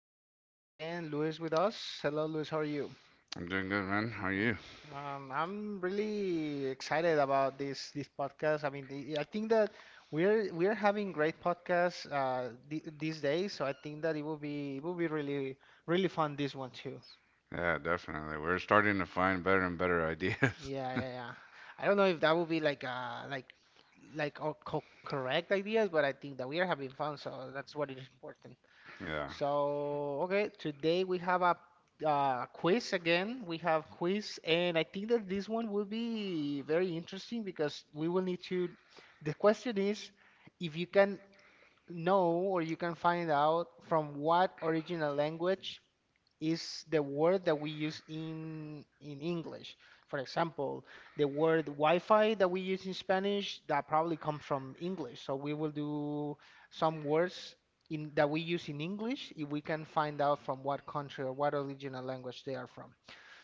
Today we have again Luis with us. Hello, Luis. How are you? I'm doing good, man. How are you? I'm really excited about this podcast. I mean, the, I think that we're having great podcasts th these days, so I think that it will be really really fun this one too. Yeah, definitely. We're starting to find better and better ideas. Yeah, yeah, yeah. I don't know if that will be like all co correct ideas, but I think that we are having fun, so that's what is important. Yeah. So, okay, today we have a quiz again. We have quiz, and I think that this one will be very interesting because we will need to. The question is if you can know or you can find out from what original language is the word that we use in English. For example, the word Wi-Fi that we use in Spanish that probably comes from English. So we will do some words in that we use in English if we can find out from what country or what original language they are from.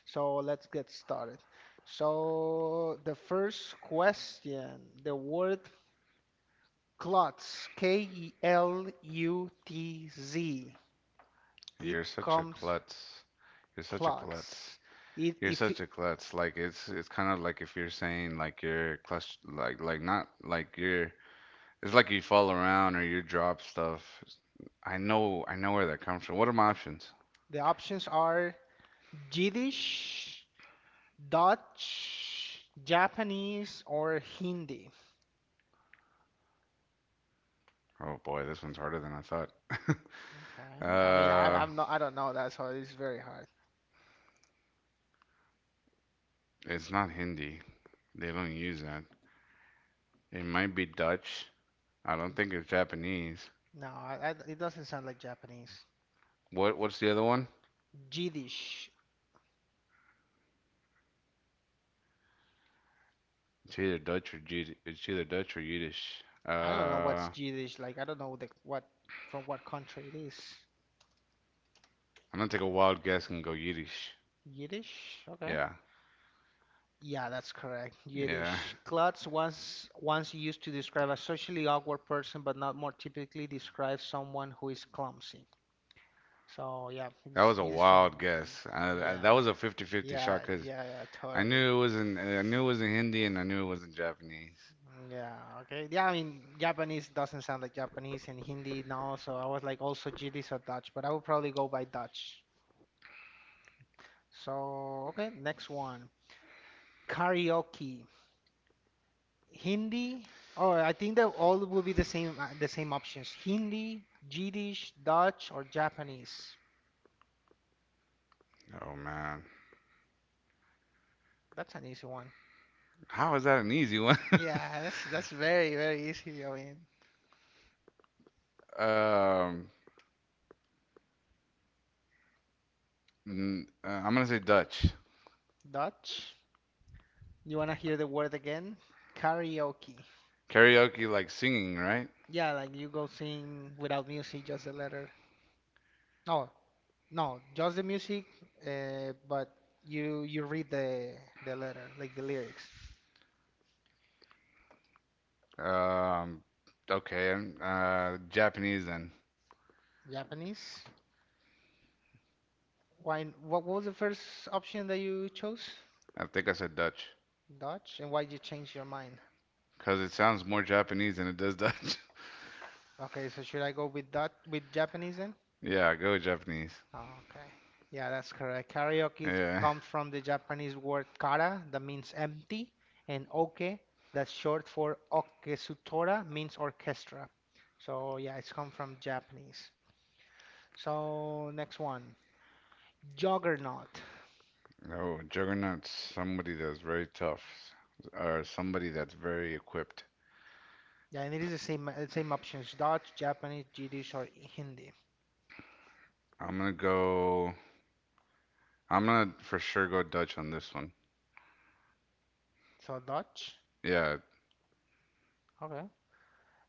So let's get started. So the first question, the word clots, K-E-L-U-T-Z. You're It such a comes klutz. You're such a klutz. clots. It, You're if such a klutz. Like it's kind of like if you're saying like you're clutch like not like you're it's Like you fall around or you drop stuff. I know where that comes from. What are my options? the options are Yiddish, Dutch, Japanese, or Hindi. Oh boy, this one's harder than I thought. Okay. I mean, I, Uh, I'm not, I don't know that, so it's very hard. it's not Hindi. They don't use that. It might be Dutch. I don't think it's Japanese. No, I, it doesn't sound like Japanese. What's the other one? Yiddish. It's either Dutch or Yiddish. I don't know Uh, what's Yiddish like. I don't know what from what country it is. I'm gonna take a wild guess and go Yiddish. Yiddish. Okay. Yeah, Yeah, that's correct. yeah. Yiddish. Klutz once used to describe a socially awkward person, but not more typically describes someone who is clumsy. So yeah, That was a it's from wild yeah, guess. That yeah, was a 50-50 shot yeah, because yeah, totally. I knew it wasn't Hindi and I knew it wasn't Japanese. Yeah, okay. Yeah, I mean, Japanese doesn't sound like Japanese and Hindi no, so I was like also GD so Dutch, but I would probably go by Dutch. So, okay, next one. Karaoke. Hindi. Oh, I think that all will be the same options. Hindi, Yiddish, Dutch, or Japanese. Oh man, That's an easy one. how is that an easy one? Yeah, that's very, very easy. I mean, Um, I'm gonna say Dutch. Dutch. You wanna hear the word again? Karaoke. Karaoke, like singing, right? Yeah, like you go sing without music, just the letter. No, no, just the music, but you read the letter, like the lyrics. Um, okay. Japanese then. Japanese? Why? What was the first option that you chose? I think I said Dutch Dutch? And why did you change your mind? because it sounds more Japanese than it does Dutch. Okay, so should I go with Dutch with Japanese then? Yeah, go Japanese. Okay. Yeah, that's correct. Yeah. Comes from the Japanese word kara, that means empty, and oke, that's short for okesutora, means orchestra. So yeah, it's come from Japanese. So next one, juggernaut. Oh, Juggernaut's somebody that's very tough or somebody that's very equipped. Yeah, and it is the same options, Dutch, Japanese, Yiddish, or Hindi. I'm gonna go. I'm gonna for sure go Dutch on this one. So Dutch. Yeah. Okay.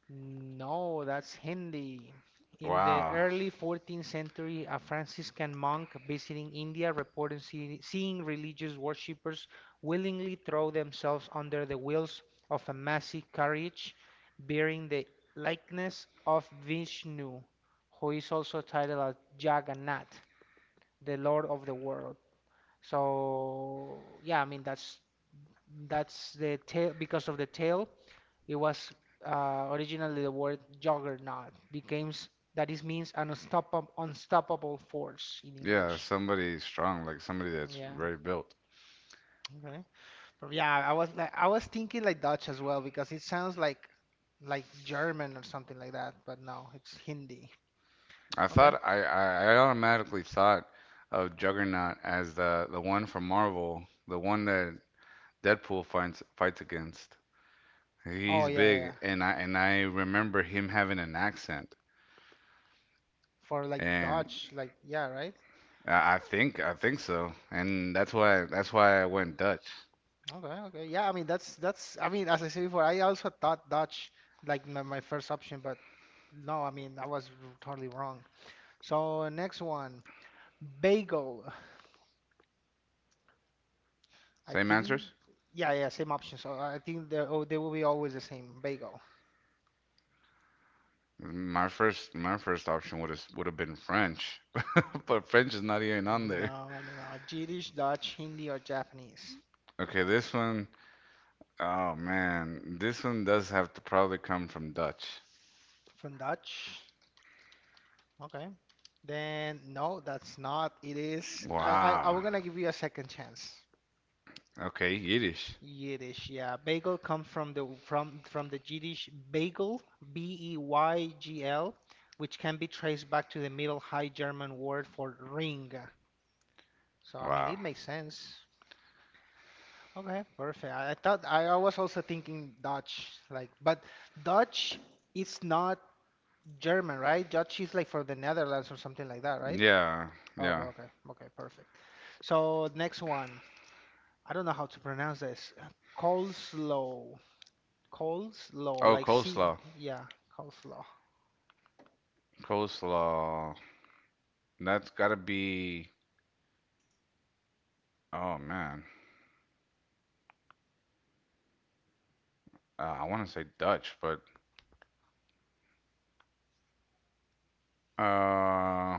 No, that's Hindi. In the Wow. early 14th century, a Franciscan monk visiting India reported seeing religious worshippers willingly throw themselves under the wheels of a massive carriage bearing the likeness of Vishnu, who is also titled as Jagannath, the Lord of the world. So, yeah, I mean that's the tale. Because of the tale it was originally the word juggernaut that is means an unstoppable force in Yeah, English. somebody strong, like somebody that's Yeah. very built. Okay. But yeah, I was thinking like Dutch as well because it sounds like German or something like that, but no, it's Hindi. I Okay. thought I, I, I automatically thought of Juggernaut as the one from Marvel, the one that Deadpool finds fights against. Oh He's yeah, yeah, yeah. big, and I remember him having an accent. For like And Dutch, like yeah, right? I think so, and that's why I went Dutch. Okay, okay. Yeah, I mean that's I mean as I said before, I also thought Dutch like my first option, but no, I mean totally wrong. So next one. Bagel, I Same think. answers. Yeah, yeah, same option. So I think they oh, they will be always the same. Bagel. My first option would have been French, but French is not even on there. No, no, no. Yiddish, Dutch, Hindi, or Japanese. Okay, this one. Oh man, this one does have to probably come from Dutch. From Dutch. Okay. Then no, that's not. It is. I'm Wow. gonna give you a second chance. Okay, Yiddish. Yiddish, yeah. Bagel comes from the from the Yiddish bagel, B-E-Y-G-L, which can be traced back to the Middle High German word for ring. So I mean, Wow. it makes sense. Okay, perfect. I thought I was also thinking Dutch, like, but Dutch is not German, right? Dutch is like for the Netherlands or something like that, right? Yeah, Okay, yeah. okay, okay, perfect. So next one, I don't know how to pronounce this. Coleslaw, coleslaw, Oh, like C, coleslaw. yeah, coleslaw. Coleslaw. That's gotta be. Oh man. I want to say Dutch, but uh,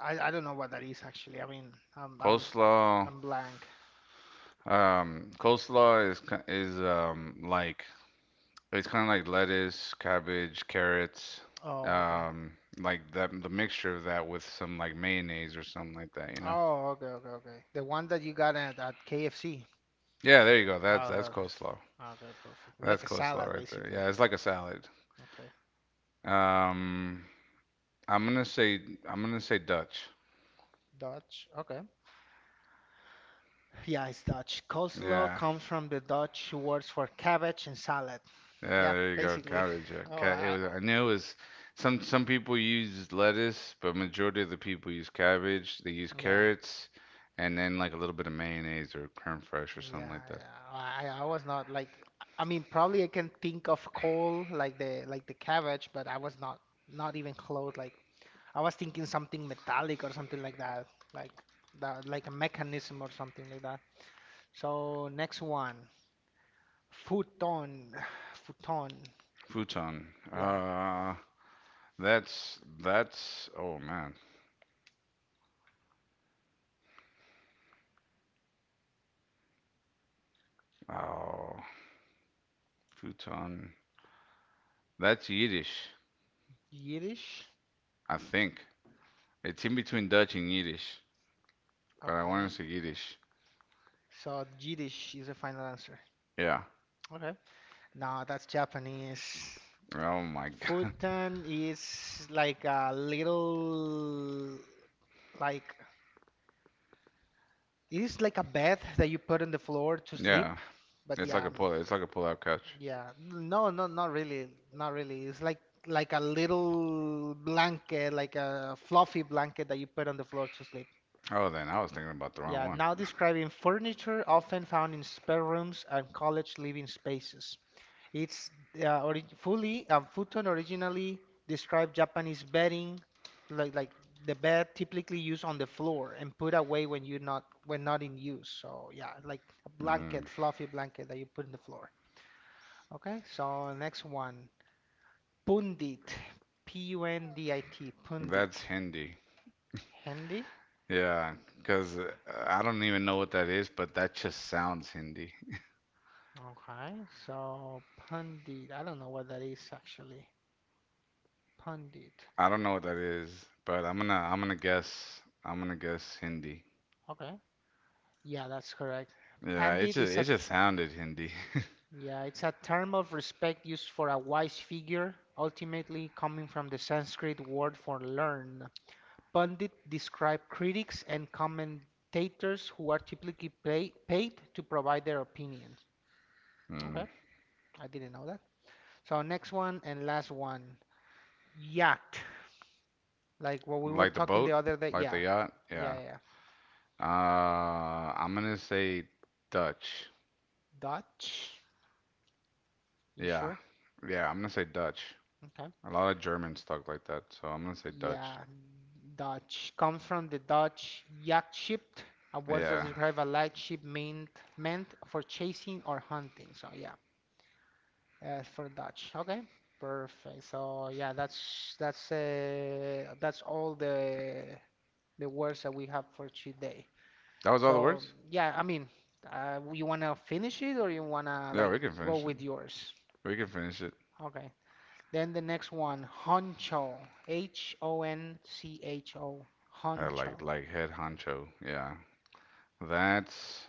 I don't know what that is actually. I mean, I'm Coleslaw, I'm blank. coleslaw is like it's kind of like lettuce, cabbage, carrots, Oh, okay. Like that the mixture of that with some like mayonnaise or something like that, you know? Oh, okay, okay, okay. The one that you got at KFC. Yeah, there you go. Oh, That's okay, that's okay. coleslaw. Oh, okay, perfect. That's Like a coleslaw salad, right there. basically. Yeah, it's like a salad. Okay. Um, I'm gonna say I'm gonna say Dutch. Dutch. Okay. Yeah, it's Dutch. Coleslaw Yeah, comes from the Dutch words for cabbage and salad. Yeah, Yeah, there you go. basically. Cabbage. Oh, It was. I knew it was. Some people use lettuce, but majority of the people use cabbage. They use yeah, carrots, and then like a little bit of mayonnaise or creme fraiche or something yeah, like that. yeah. I was not like, I mean, probably I can think of col like the cabbage, but I was not not even close. Like I was thinking something metallic or something like that, like that, like a mechanism or something like that. So next one. Futon, futon. Futon. Yeah, That's that's. Oh man. Oh, futon. That's Yiddish, Yiddish. I think. It's in Y- between Dutch and Yiddish, but I want to Okay, say Yiddish. so Yiddish is the final answer. Yeah. Okay, no, that's Japanese. Oh my God. Futon is like a little, like it's like a bed that you put on the floor to sleep. Yeah. But yeah, I mean, It's like a pull-out couch. yeah, no, no, not really, not really. It's like a little blanket, like a fluffy blanket that you put on the floor to sleep. Oh, then I was thinking about the wrong Yeah, one. now describing furniture often found in spare rooms and college living spaces. It's ori- fully futon originally described Japanese bedding, like the bed typically used on the floor and put away when you're not when not in use. So yeah, like a Mm, blanket, fluffy blanket that you put in the floor. Okay, so next one, pundit, P-U-N-D-I-T, that's pundit, Hindi. handy. Yeah, because I don't even know what that is, but that just sounds Hindi. Okay, so pundit, I don't know what that is actually. Pandit. I don't know what that is, but I'm gonna guess Hindi. Okay. Yeah, that's correct. Yeah, it Pandit just is it a just sounded Hindi. yeah, it's a term of respect used for a wise figure, ultimately coming from the Sanskrit word for learn. Pandit describe critics and commentators who are typically paid to provide their opinions. Mm. Okay, I didn't know that. So next one and last one, yacht. Like what we were Like the talking the boat, other day. like the Yeah, yacht. yeah, Yeah. yeah, yeah. Uh, I'm gonna say Dutch. Dutch. You Yeah, sure? yeah. I'm gonna say Dutch. Okay. A lot of Germans talk like that, so I'm gonna say Dutch. Yeah, Dutch. Come from the Dutch jagdschip, a word that Yeah. describes a light ship meant for chasing or hunting. So yeah, for Dutch. Okay, perfect. So yeah, that's all the words that we have for today. That was all the So words? yeah, I mean, you wanna finish it or you wanna Yeah, like we can go finish it. with yours? We can finish it. Okay. Then the next one, honcho. H O N C H O. Uh, like Honcho. like head honcho. Yeah. That's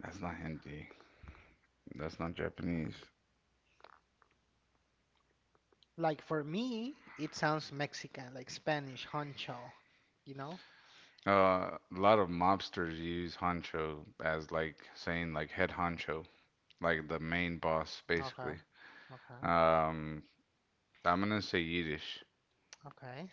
that's not Hindi. That's not Japanese. Like for me, it sounds Mexican, like Spanish, honcho, you know? A lot of mobsters use honcho as like saying like head honcho, like the main boss Okay, basically. okay, Um, I'm gonna say Yiddish. okay.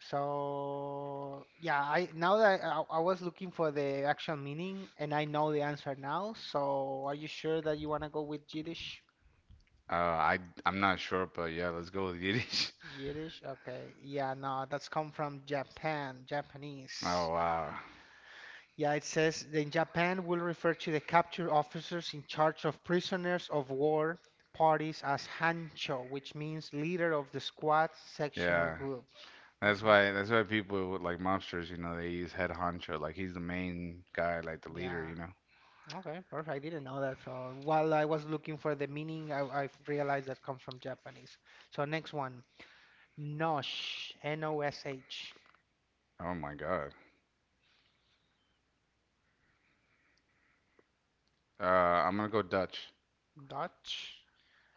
So yeah, I now that I was looking for the actual meaning and I know the answer now. So are you sure that you want to go with Yiddish? Uh, I I'm not sure, but yeah, let's go with Yiddish. Yiddish? Okay. Yeah, no, that's come from Oh Japanese. wow, Yeah, it says that in Japan will refer to the captured officers in charge of prisoners of war parties as hancho, which means leader of the squad, section, or yeah. group. That's Okay. why that's why people with, like mobsters, you know, they use head honcho, like he's the main guy, like the Yeah. leader, you know. Okay. Perfect. I didn't know that. So while I was looking for the meaning, I realized that comes from Japanese. So next one, nosh, N-O-S-H, Oh my God. I'm gonna go Dutch. Dutch.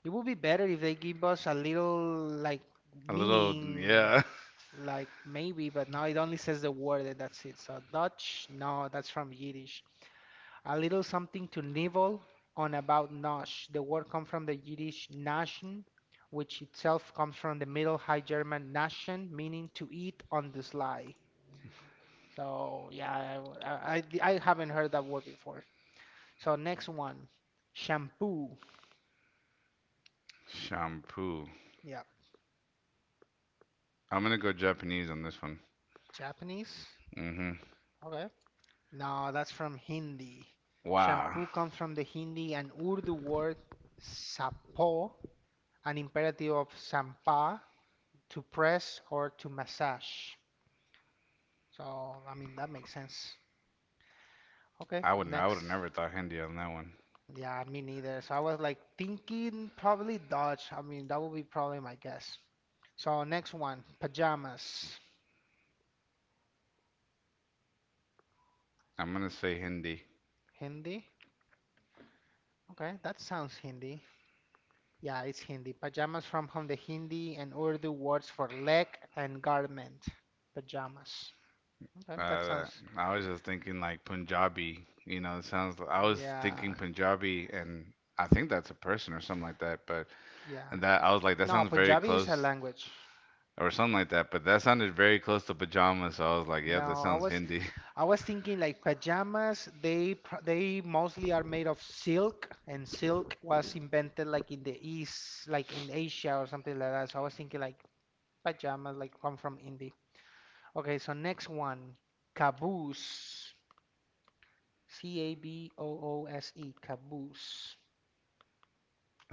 It would be better if they give us a little like A little, meaning. yeah. Like maybe, but now it only says the word and that's it. So Dutch, no, that's from Yiddish. A little something to nibble on about nosh. The word comes from the Yiddish naschen, which itself comes from the Middle High German naschen, meaning to eat on the sly. So yeah, I I I haven't heard that word before. So next one, shampoo. Shampoo. Yeah, I'm gonna go Japanese on this one. Japanese. Hmm Okay. No, that's from Hindi. Wow. Shampoo comes from the Hindi and Urdu word sapo, an imperative of sampa, to press or to massage. So, I mean, that makes sense. Okay, I would have next. never thought Hindi on that one. Yeah, me neither. So I was like thinking probably Dutch. I mean, that would be probably my guess. So, next one, pajamas. I'm gonna say Hindi. Hindi? Okay, that sounds Hindi. Yeah, it's Hindi. Pajamas from the Hindi and Urdu words for leg and garment. Pajamas. Okay, that Uh, sounds. I was just thinking like Punjabi. You know, it sounds. I was thinking Yeah, Punjabi, and I think that's a person or something like that. But yeah. and that I was like, that No, sounds very Punjabi is a close, language. or something like that. But that sounded very close to pajamas. So I was like, yeah, that No, sounds Hindi. I was thinking like pajamas. They mostly are made of silk, and silk was invented like in the East, like in Asia or something like that. So I was thinking like pajamas, like come from India. Okay, so next one, caboose. C-A-B-O-O-S-E, caboose.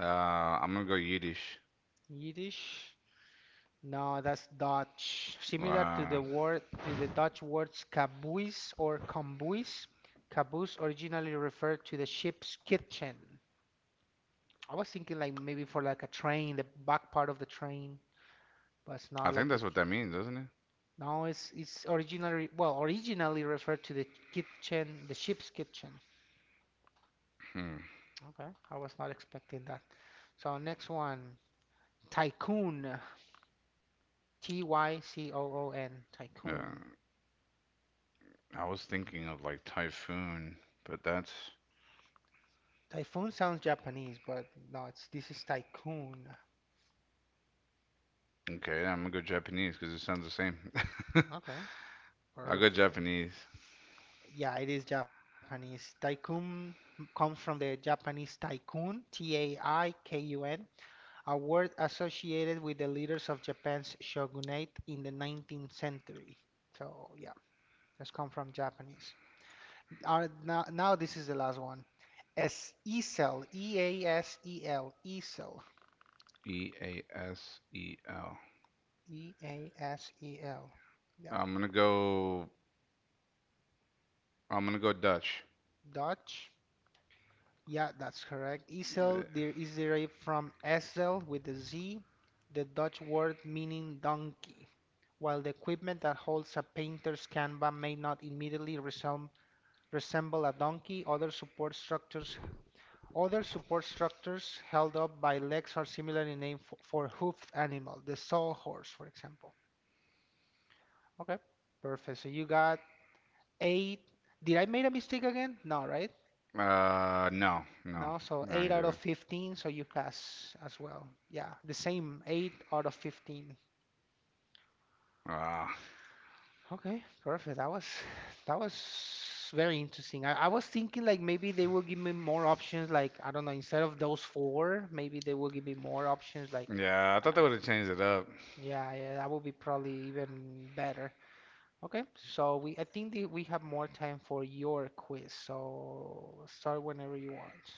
Uh, I'm gonna go Yiddish. Yiddish? No, that's Dutch. Similar to the Wow. word to the Dutch words caboose or kombuis. Caboose originally referred to the ship's kitchen. I was thinking like maybe for like a train, the back part of the train, but it's I not think like the that's what kit. that means, doesn't it? No, it's originally well originally referred to the kitchen, the ship's kitchen. Hmm. Okay, I was not expecting that. So, next one, tycoon. T Y C O O N, Yeah. Tycoon. I was thinking of like typhoon, but that's Typhoon sounds Japanese, but no, it's this is Tycoon. okay. Yeah, I'm gonna go Japanese because it sounds the same. Okay, I'll go perfect. Japanese. Yeah, it is Japanese. Tycoon comes from the Japanese tycoon, Taikun, a I K U N, a word associated with the leaders of Japan's shogunate in the 19th century. So, yeah, that's come from Japanese. Now this is the last one. Es Easel, Easel, Easel. Easel. E A S E L. Yep. I'm gonna go. I'm gonna go Dutch. Dutch. Yeah, that's correct. Esel Uh, there is derived from Esel with the Z, the Dutch word meaning donkey. While the equipment that holds a painter's canvas may not immediately resemble a donkey, other support structures held up by legs are similar in name for hoofed animal, the sawhorse, for example. Okay, perfect. So you got eight. Did I make a mistake again? No, right? uh, no, no, No, so no, 8 you out of didn't. 15, so you pass as well. Yeah, the same 8 out of 15. Ah, uh, Okay, perfect. That was very interesting. I was thinking like maybe they will give me more options, like I don't know, instead of those four, maybe they will give me more options like. yeah, I thought they would uh, have changed it up. yeah, yeah, that would be probably even better. Okay, so we I think that we have more time for your quiz. So, start whenever you want.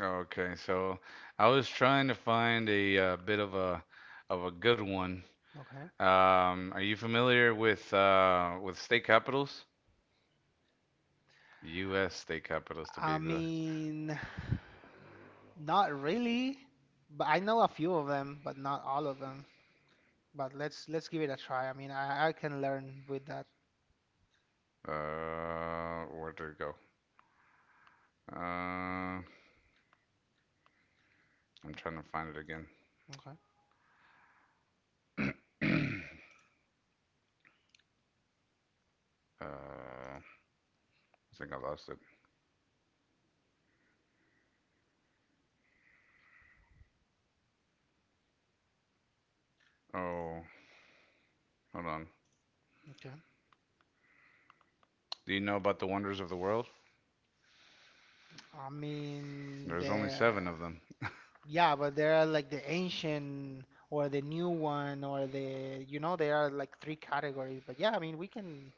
Okay, so I was trying to find a bit of a good one. Okay. Are you familiar with state capitals? U.S. state capitals, to be I exact. mean, not really, but I know a few of them, but not all of them. But let's give it a try. I mean, I can learn with that. Where did it go? Uh, I'm trying to find it again. Okay. I think I lost it. Oh, hold on. Okay. Do you know about the wonders of the world? I mean, There's the only seven of them. yeah, but there are like the ancient or the new one or there are like three categories. But yeah, I mean we can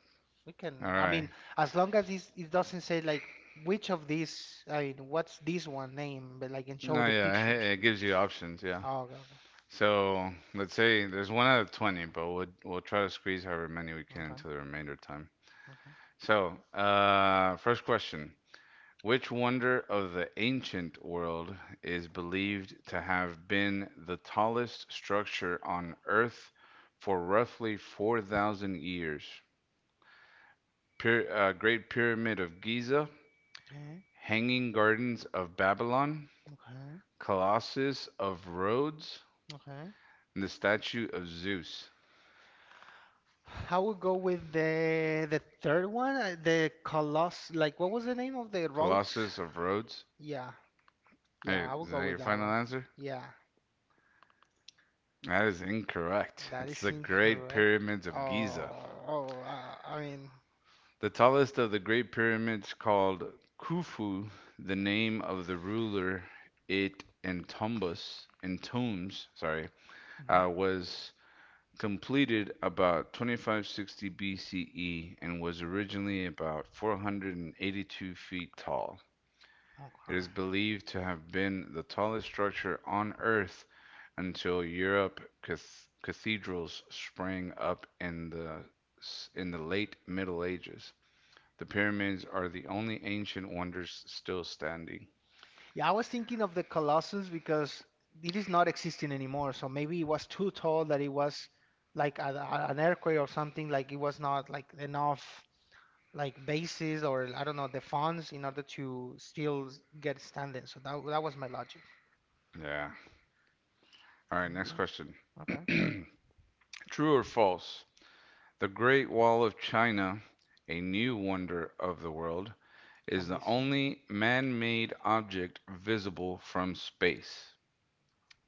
we can. All I mean, right. as long as this it doesn't say like which of these. I mean, what's this one name? But, like, and show No, the yeah, pictures. it gives you options. Yeah. Oh, okay, okay, So let's say there's one out of 20, but we'll try to squeeze however many we can okay, into the remainder time. okay, So, first question. Which wonder of the ancient world is believed to have been the tallest structure on Earth for roughly 4,000 years? Great Pyramid of Giza, okay, Hanging Gardens of Babylon, okay. Colossus of Rhodes, Okay. and the Statue of Zeus. I would go with the third one, the Colossus. Like, what was the name of the roads? Colossus of Rhodes? Yeah, yeah, Hey, I would is go that with your that final one. answer? Yeah, That is incorrect. that It's is the Great incorrect. Pyramids of Giza. Oh, oh, I mean, The tallest of the Great Pyramids, called Khufu, the name of the ruler it entombs, entombs sorry, mhm, was completed about 2560 BCE and was originally about 482 feet tall. It is okay. believed to have been the tallest structure on Earth until Europe cathedrals sprang up in the late Middle Ages. The pyramids are the only ancient wonders still standing. Yeah, I was thinking of the Colossus because it is not existing anymore. So, maybe it was too tall that it was like an earthquake or something. Like, it was not like enough like bases or I don't know the funds in order to still get standing. So that was my logic. Yeah. All right, next Okay, question. okay, True or false? The Great Wall of China, a new wonder of the world, can is be the seen. only man made object visible from space.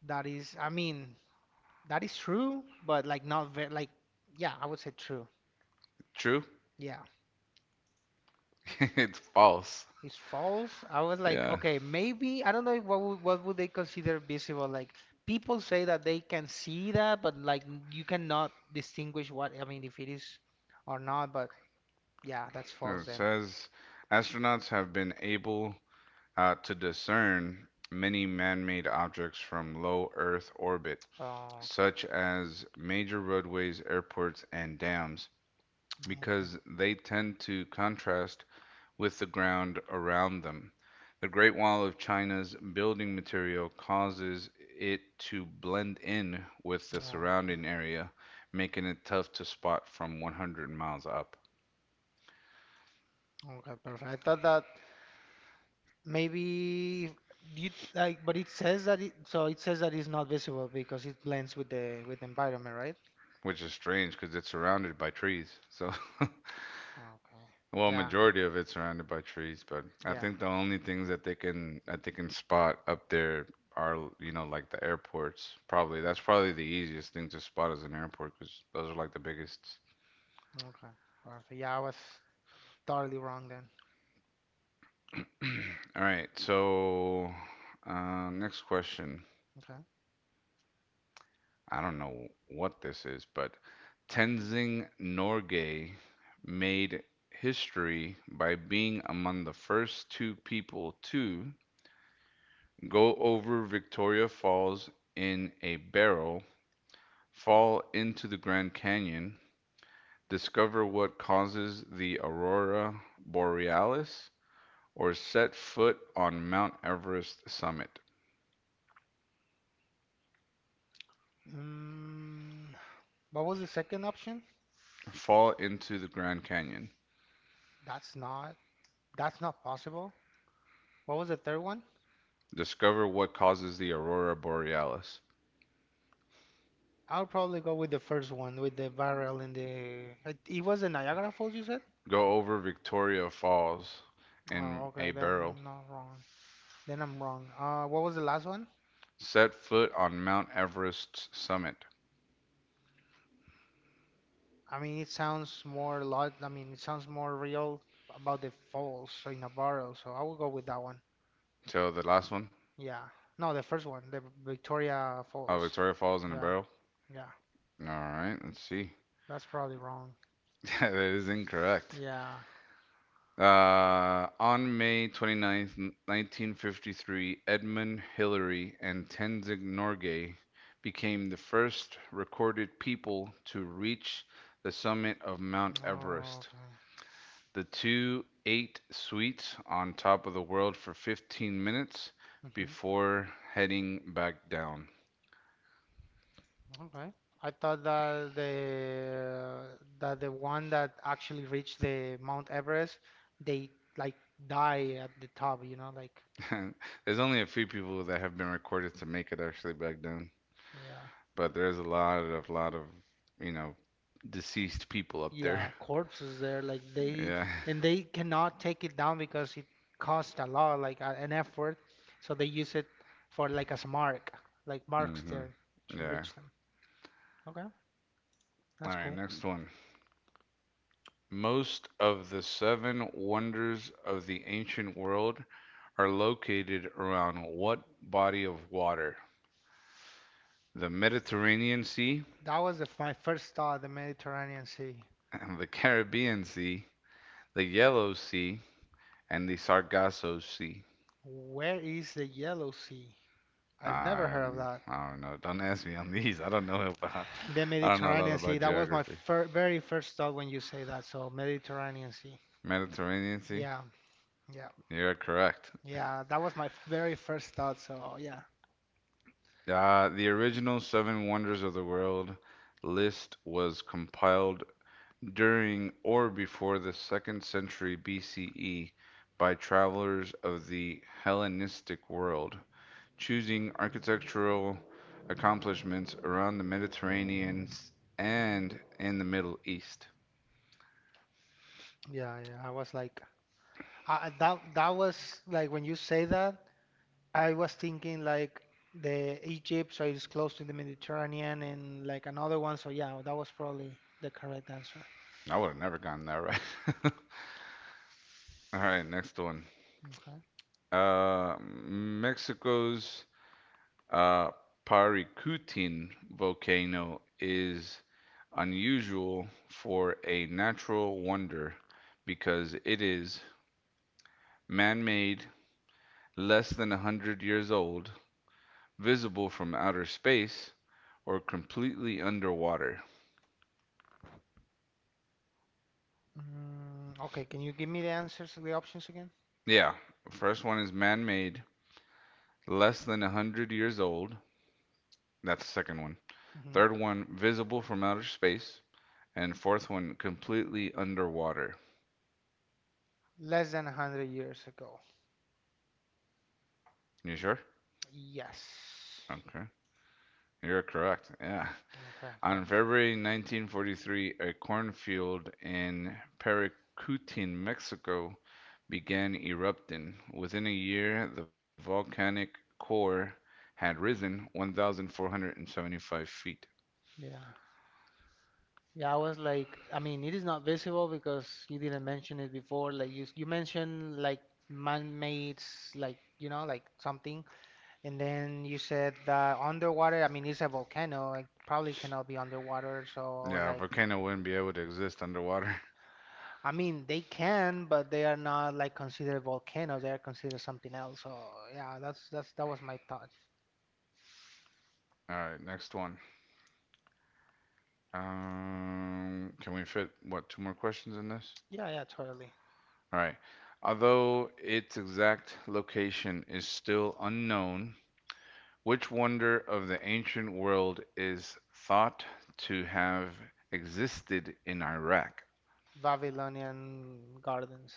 That is, I mean, that is true, but like not very like, yeah, I would say true. True? Yeah, It's false. it's false. I was like, Yeah. okay, maybe I don't know what would, they consider visible. Like, people say that they can see that, but like you cannot distinguish, what I mean, if it is or not. But yeah, that's So false it then. says astronauts have been able to discern many man made objects from low Earth orbit Oh, such as major roadways, airports, and dams, okay, because they tend to contrast with the ground around them. The Great Wall of China's building material causes it to blend in with the okay. surrounding area, making it tough to spot from 100 miles up. Okay, perfect. I thought that maybe you, like, but it says that it, so it says that it's not visible because it blends with the environment, right? Which is strange because it's surrounded by trees. So Okay. Well, Yeah. majority of it's surrounded by trees, but I Yeah. think the only things that they can spot up there are, you know, like the airports. Probably that's probably the easiest thing to spot is an airport because those are like the biggest. Mm, okay. Perfect. Yeah, I was totally wrong then. All right, so next question. Okay. I don't know what this is, but Tenzing Norgay made history by being among the first two people to go over Victoria Falls in a barrel, fall into the Grand Canyon, discover what causes the aurora borealis, or set foot on Mount Everest summit. Mm, what was the second option? Fall into the Grand Canyon. That's not that's not possible. What was the third one? Discover what causes the aurora borealis. I'll probably go with the first one with the barrel in the it, it was the Niagara Falls you said? Go over Victoria Falls Oh, in okay, a then barrel. I'm not wrong. Then I'm wrong. What was the last one? Set foot on Mount Everest's summit. I mean, it sounds more lot. I mean, it sounds more real about the falls so in a barrel. So I will go with that one. So the last one, Yeah. No, the first one, the Victoria oh, Falls. Victoria Falls in a Yeah, barrel. yeah. All right, let's see. That's probably wrong. That is incorrect. Yeah. On May 29th, 1953, Edmund Hillary and Tenzing Norgay became the first recorded people to reach the summit of Mount Oh, Everest. okay. The two ate sweets on top of the world for 15 minutes hmm before heading back down. Okay. I thought that the one that actually reached the Mount Everest, they like die at the top. You know, like There's only a few people that have been recorded to make it actually back down. yeah. But there's a lot of you know deceased people up there. Yeah, corpses there, like they Yeah. and they cannot take it down because it cost a lot, like a, an effort. So they use it for like as a mark, like marks hmm there to Yeah. reach them. Okay, All that's right, cool. next one. Most of the seven wonders of the ancient world are located around what body of water? The Mediterranean Sea, That was the, f- my first thought, the Mediterranean Sea. the Caribbean Sea, the Yellow Sea, and the Sargasso Sea. Where is the Yellow Sea? I've never heard of that. I don't know. Don't ask me on these. I don't know about. The I don't know a lot Mediterranean Sea, about that was my geography. fir very first thought when you say that. So Mediterranean Sea. Mediterranean Sea. Yeah, yeah, You're correct. yeah. That was my very first thought. So yeah, The original Seven Wonders of the World list was compiled during or before the second century BCE by travelers of the Hellenistic world, choosing architectural accomplishments around the Mediterranean and in the Middle East. yeah, yeah. I was like. I, that that was like when you say that, I was thinking like the Egypt, so it's close to the Mediterranean, and like another one. So yeah, that was probably the correct answer. I would have never gotten that right. All right, next one. Okay. Mexico's Uh, Parikutin volcano is unusual for a natural wonder because it is man made, less than 100 years old, visible from outer space, or completely underwater. Mm, okay, can you give me the answers, the options again? Yeah, first one is man made, less than 100 years old. That's the second one. Hmm. Third one, visible from outer space. And fourth one, completely underwater. Less than 100 years ago. You sure? Yes. Okay. You're correct. Yeah. Okay, On perfect. February 1943, a cornfield in Paracutin, Mexico, began erupting. Within a year, the volcanic core had risen 1,475 feet. Yeah. Yeah, I was like, I mean, it is not visible because you didn't mention it before. Like you mentioned, like, man-made, like like something. And then you said that underwater, I mean, it's a volcano. It probably cannot be underwater. So I was Yeah, a like, volcano wouldn't be able to exist underwater. I mean, they can, but they are not like considered volcanoes. They are considered something else. So yeah, that was my thought. All right, next one. Can we fit, what, two more questions in this? Yeah, yeah, totally. All right. Although its exact location is still unknown, which wonder of the ancient world is thought to have existed in Iraq? Babylonian gardens.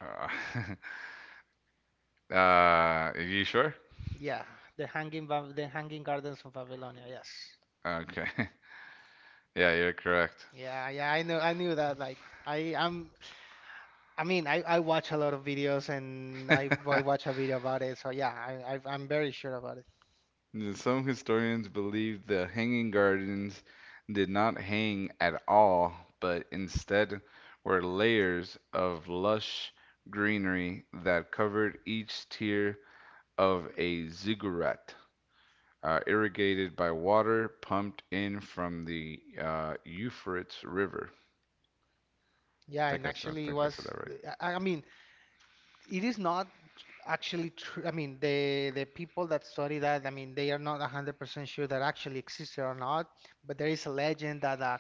Uh, are you sure? Yeah, the hanging gardens of Babylonia. Yes. Okay. Yeah, you're correct. Yeah, yeah, I knew that. Like, I I'm I mean I watch a lot of videos and I watch a video about it. So yeah, I'm very sure about it. Some historians believe the Hanging Gardens did not hang at all, but instead were layers of lush greenery that covered each tier of a ziggurat, irrigated by water pumped in from the Euphrates River. Yeah, and I actually it think I was said that I mean, it is not actually true. I mean, the people that study that, I mean, they are not 100% sure that actually existed or not, but there is a legend that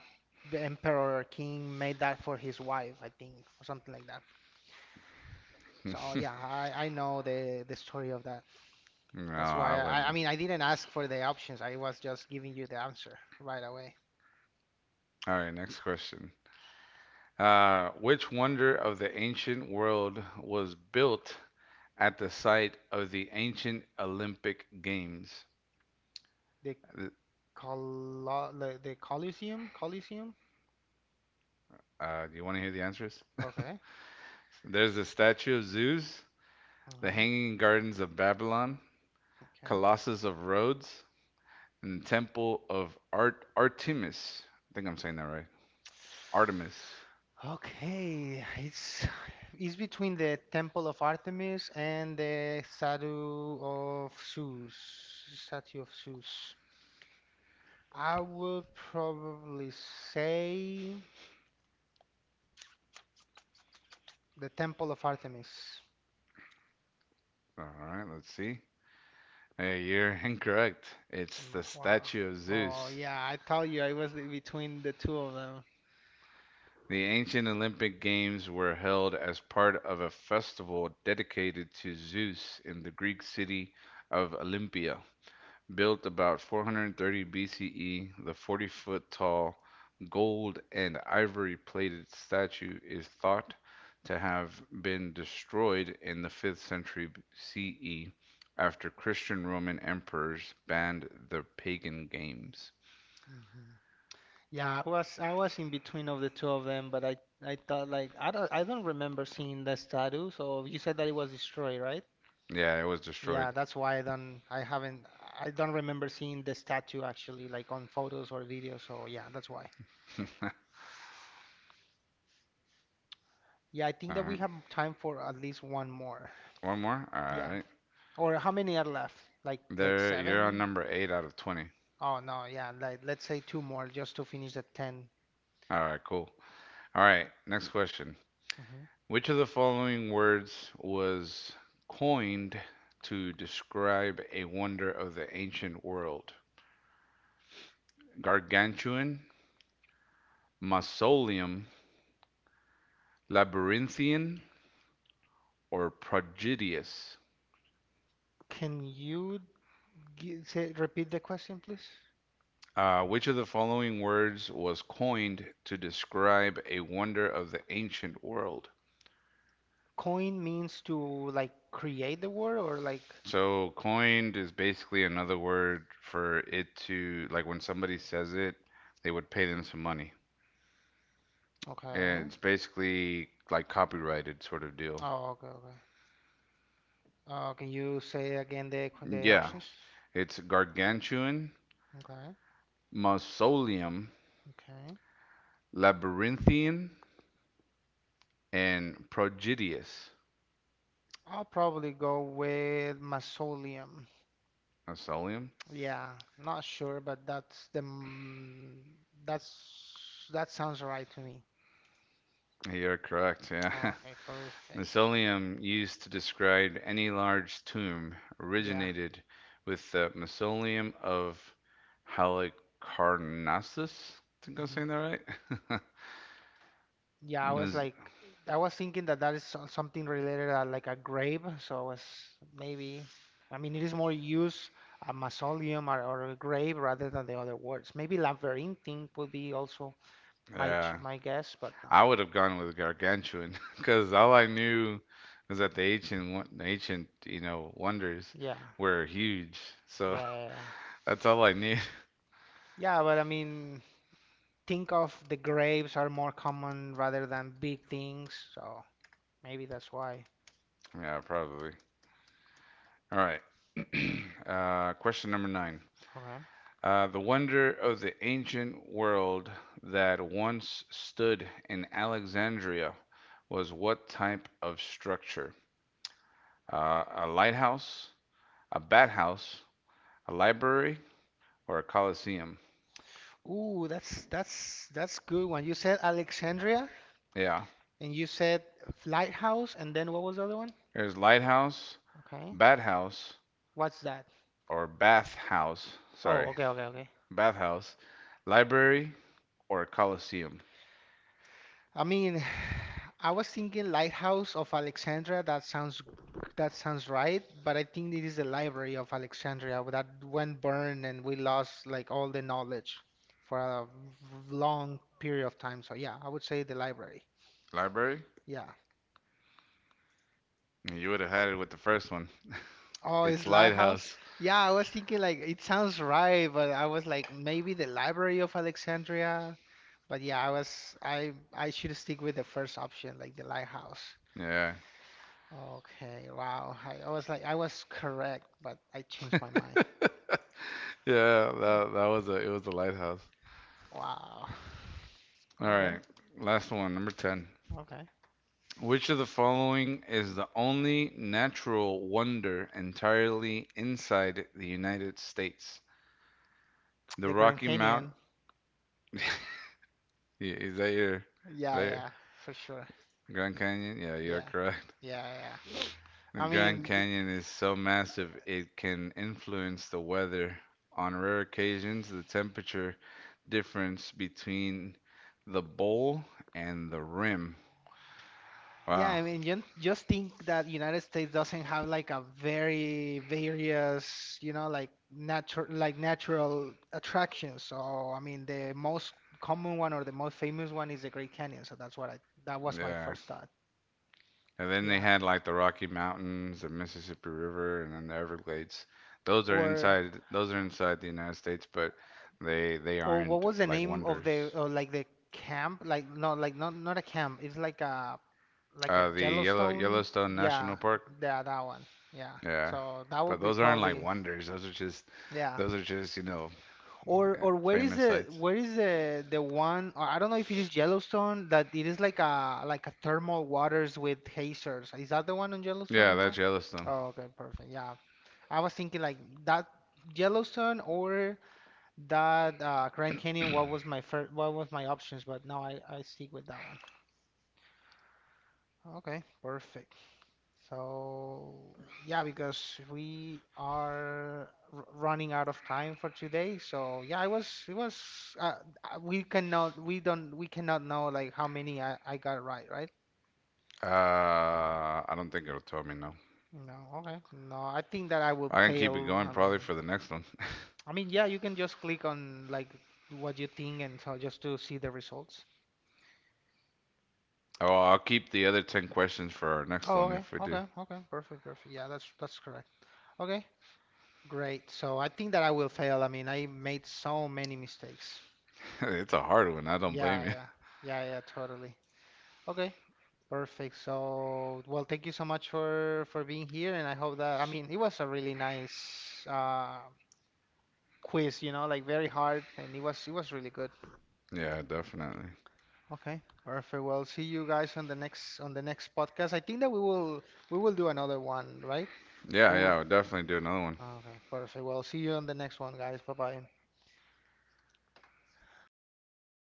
the emperor or king made that for his wife, I think, or something like that. right. So yeah, I know the story of that. No, That's I why I I wouldn't. mean, I didn't ask for the options. I was just giving you the answer right away. All right, next question. Which wonder of the ancient world was built at the site of the ancient Olympic Games? The the Colosseum. Do you want to hear the answers? Okay. There's the statue of Zeus, the Okay. hanging gardens of Babylon, Okay. Colossus of Rhodes, and the Temple of Artemis. I think I'm saying that right. Artemis. Okay, it's between the Temple of Artemis and the Statue of Zeus. Statue of Zeus. I would probably say the Temple of Artemis. All right, let's see. Hey, you're incorrect. It's Am the Wow. statue of Oh Zeus. yeah, I tell you, I was in between the two of them. The ancient Olympic Games were held as part of a festival dedicated to Zeus in the Greek city of Olympia. Built about 430 BCE, the 40-foot tall gold and ivory plated statue is thought to have been destroyed in the 5th century CE after Christian Roman emperors banned the pagan games. Hmm. Yeah, I was in between of the two of them, but I thought like I don't remember seeing the statue. So you said that it was destroyed, right? Yeah, it was destroyed. Yeah, that's why I don't remember seeing the statue actually, like, on photos or videos. So yeah, that's why. All Yeah, I think that we right. have time for at least one more. One more? All Yeah. right. Or how many are left? Like There, you're on seven? number 8 out of 20. Oh, no, yeah, like let's say two more just to finish the 10. All right, cool. All right, next question. Mhm. Which of the following words was coined to describe a wonder of the ancient world? Gargantuan, mausoleum, labyrinthian, or prodigious? Can you say, repeat the question, please? Which of the following words was coined to describe a wonder of the ancient world? Coin means, to like create the word or like, So, coined is basically another word for it to, like when somebody says it, they would pay them some money. And okay. it's basically like copyrighted sort of deal. Oh, okay, okay. Can you say again the Yeah, options? it's gargantuan, Okay. mausoleum, Okay. labyrinthian, and prodigious. I'll probably go with Mausoleum. Mausoleum? Yeah, not sure, but that's the m- that's that sounds right to me. You're correct, yeah. Okay, perfect. Mausoleum, used to describe any large tomb, Yeah. originated with the mausoleum of Halicarnassus. I think I'm Hmm. saying that right. Yeah, I was Mas- like I was thinking that that is something related to like a grave, so I was maybe, I mean, it is more used a mausoleum or a grave rather than the other words. Maybe labyrinthine would be also my ch- yeah, my guess, but no. I would have gone with gargantuan because all I knew was that the ancient wonders Yeah. were huge. So Yeah, yeah, yeah. that's all I knew. Yeah, but I mean, think of the grapes are more common rather than big things, so maybe that's why. Yeah, probably. All right. Question number nine. Okay. The wonder of the ancient world that once stood in Alexandria was what type of structure? A lighthouse, a bat house, a library, or a coliseum? Ooh, that's good one. You said Alexandria, Yeah. and you said lighthouse, and then what was the other one? There's lighthouse, Okay. Bat House What's that? or Bath House, Oh, sorry, okay, okay, okay. Bath House, Library or Coliseum. I mean, I was thinking Lighthouse of Alexandria. That sounds right, but I think it is the Library of Alexandria that went burned and we lost like all the knowledge for a long period of time. So yeah, I would say the library. Library? Yeah. You would have had it with the first one. Oh, It's it's Lighthouse? Lighthouse. Yeah, I was thinking like it sounds right, but I was like, maybe the Library of Alexandria. But yeah, I was I should stick with the first option, like the Lighthouse. Yeah. Okay, wow. I was like, I was correct, but I changed my mind. Yeah, Yeah. that was a lighthouse. Wow. All Okay, right. Last one, number 10. okay. Which of the following is the only natural wonder entirely inside the United States? The The Grand Rocky Mountain? Canyon. is that your, is Yeah, that your yeah, for sure. Grand Canyon? Yeah, you're Yeah, correct. yeah, yeah. The I Grand mean, Canyon is so massive it can influence the weather. On rare occasions, the temperature difference between the bowl and the rim. yeah, Wow. I mean, you just think that United States doesn't have like a very various, like natural attractions. So, I mean, the most common one or the most famous one is the Great Canyon. So that was my Yeah. first thought. And then they Yeah. had like the Rocky Mountains, the Mississippi River, and then the Everglades. Or Those are inside the United States, but they Or what aren't was the like name of the, wonders. or like, the camp? Like, no, like not a camp. It's like a The Yellowstone. Yellowstone National Yeah, Park. yeah, that one. Yeah. Yeah. So that But would be those aren't like probably, wonders. Those are just yeah. You know. Or Yeah, or where is famous the sites. where is the the one? Or I don't know if it is Yellowstone that it is like a thermal waters with geysers. Is that the one on Yellowstone Yeah, as that's well? Yellowstone. Oh, okay, perfect. Yeah. I was thinking like that Yellowstone or that Grand Canyon, what was my options, but now I stick with that one. Okay, perfect. So, yeah, because we are r running out of time for today. So, yeah, it was uh, we cannot know like how many I got right, right? I don't think it'll tell me, no. No, okay. No, I think that I will I can keep it fail. going I probably mean, for the next one. I mean, yeah, you can just click on like what you think and so just to see the results. Oh, I'll keep the other 10 questions for our next one Oh, okay, if we do. okay, okay. Perfect, perfect. Yeah, that's correct. Okay, great. So, I think that I will fail. I mean, I made so many mistakes. It's a hard one. I don't blame Yeah, you. yeah. Yeah, yeah, totally. Okay, perfect. So, well, thank you so much for being here, and I hope that, I mean, it was a really nice quiz, like very hard, and it was really good. Yeah, definitely. Okay, perfect. Well, see you guys on the next podcast. I think that we will do another one, right? We Yeah, will I'll definitely do another one. Okay, perfect. Well, see you on the next one, guys. Bye bye.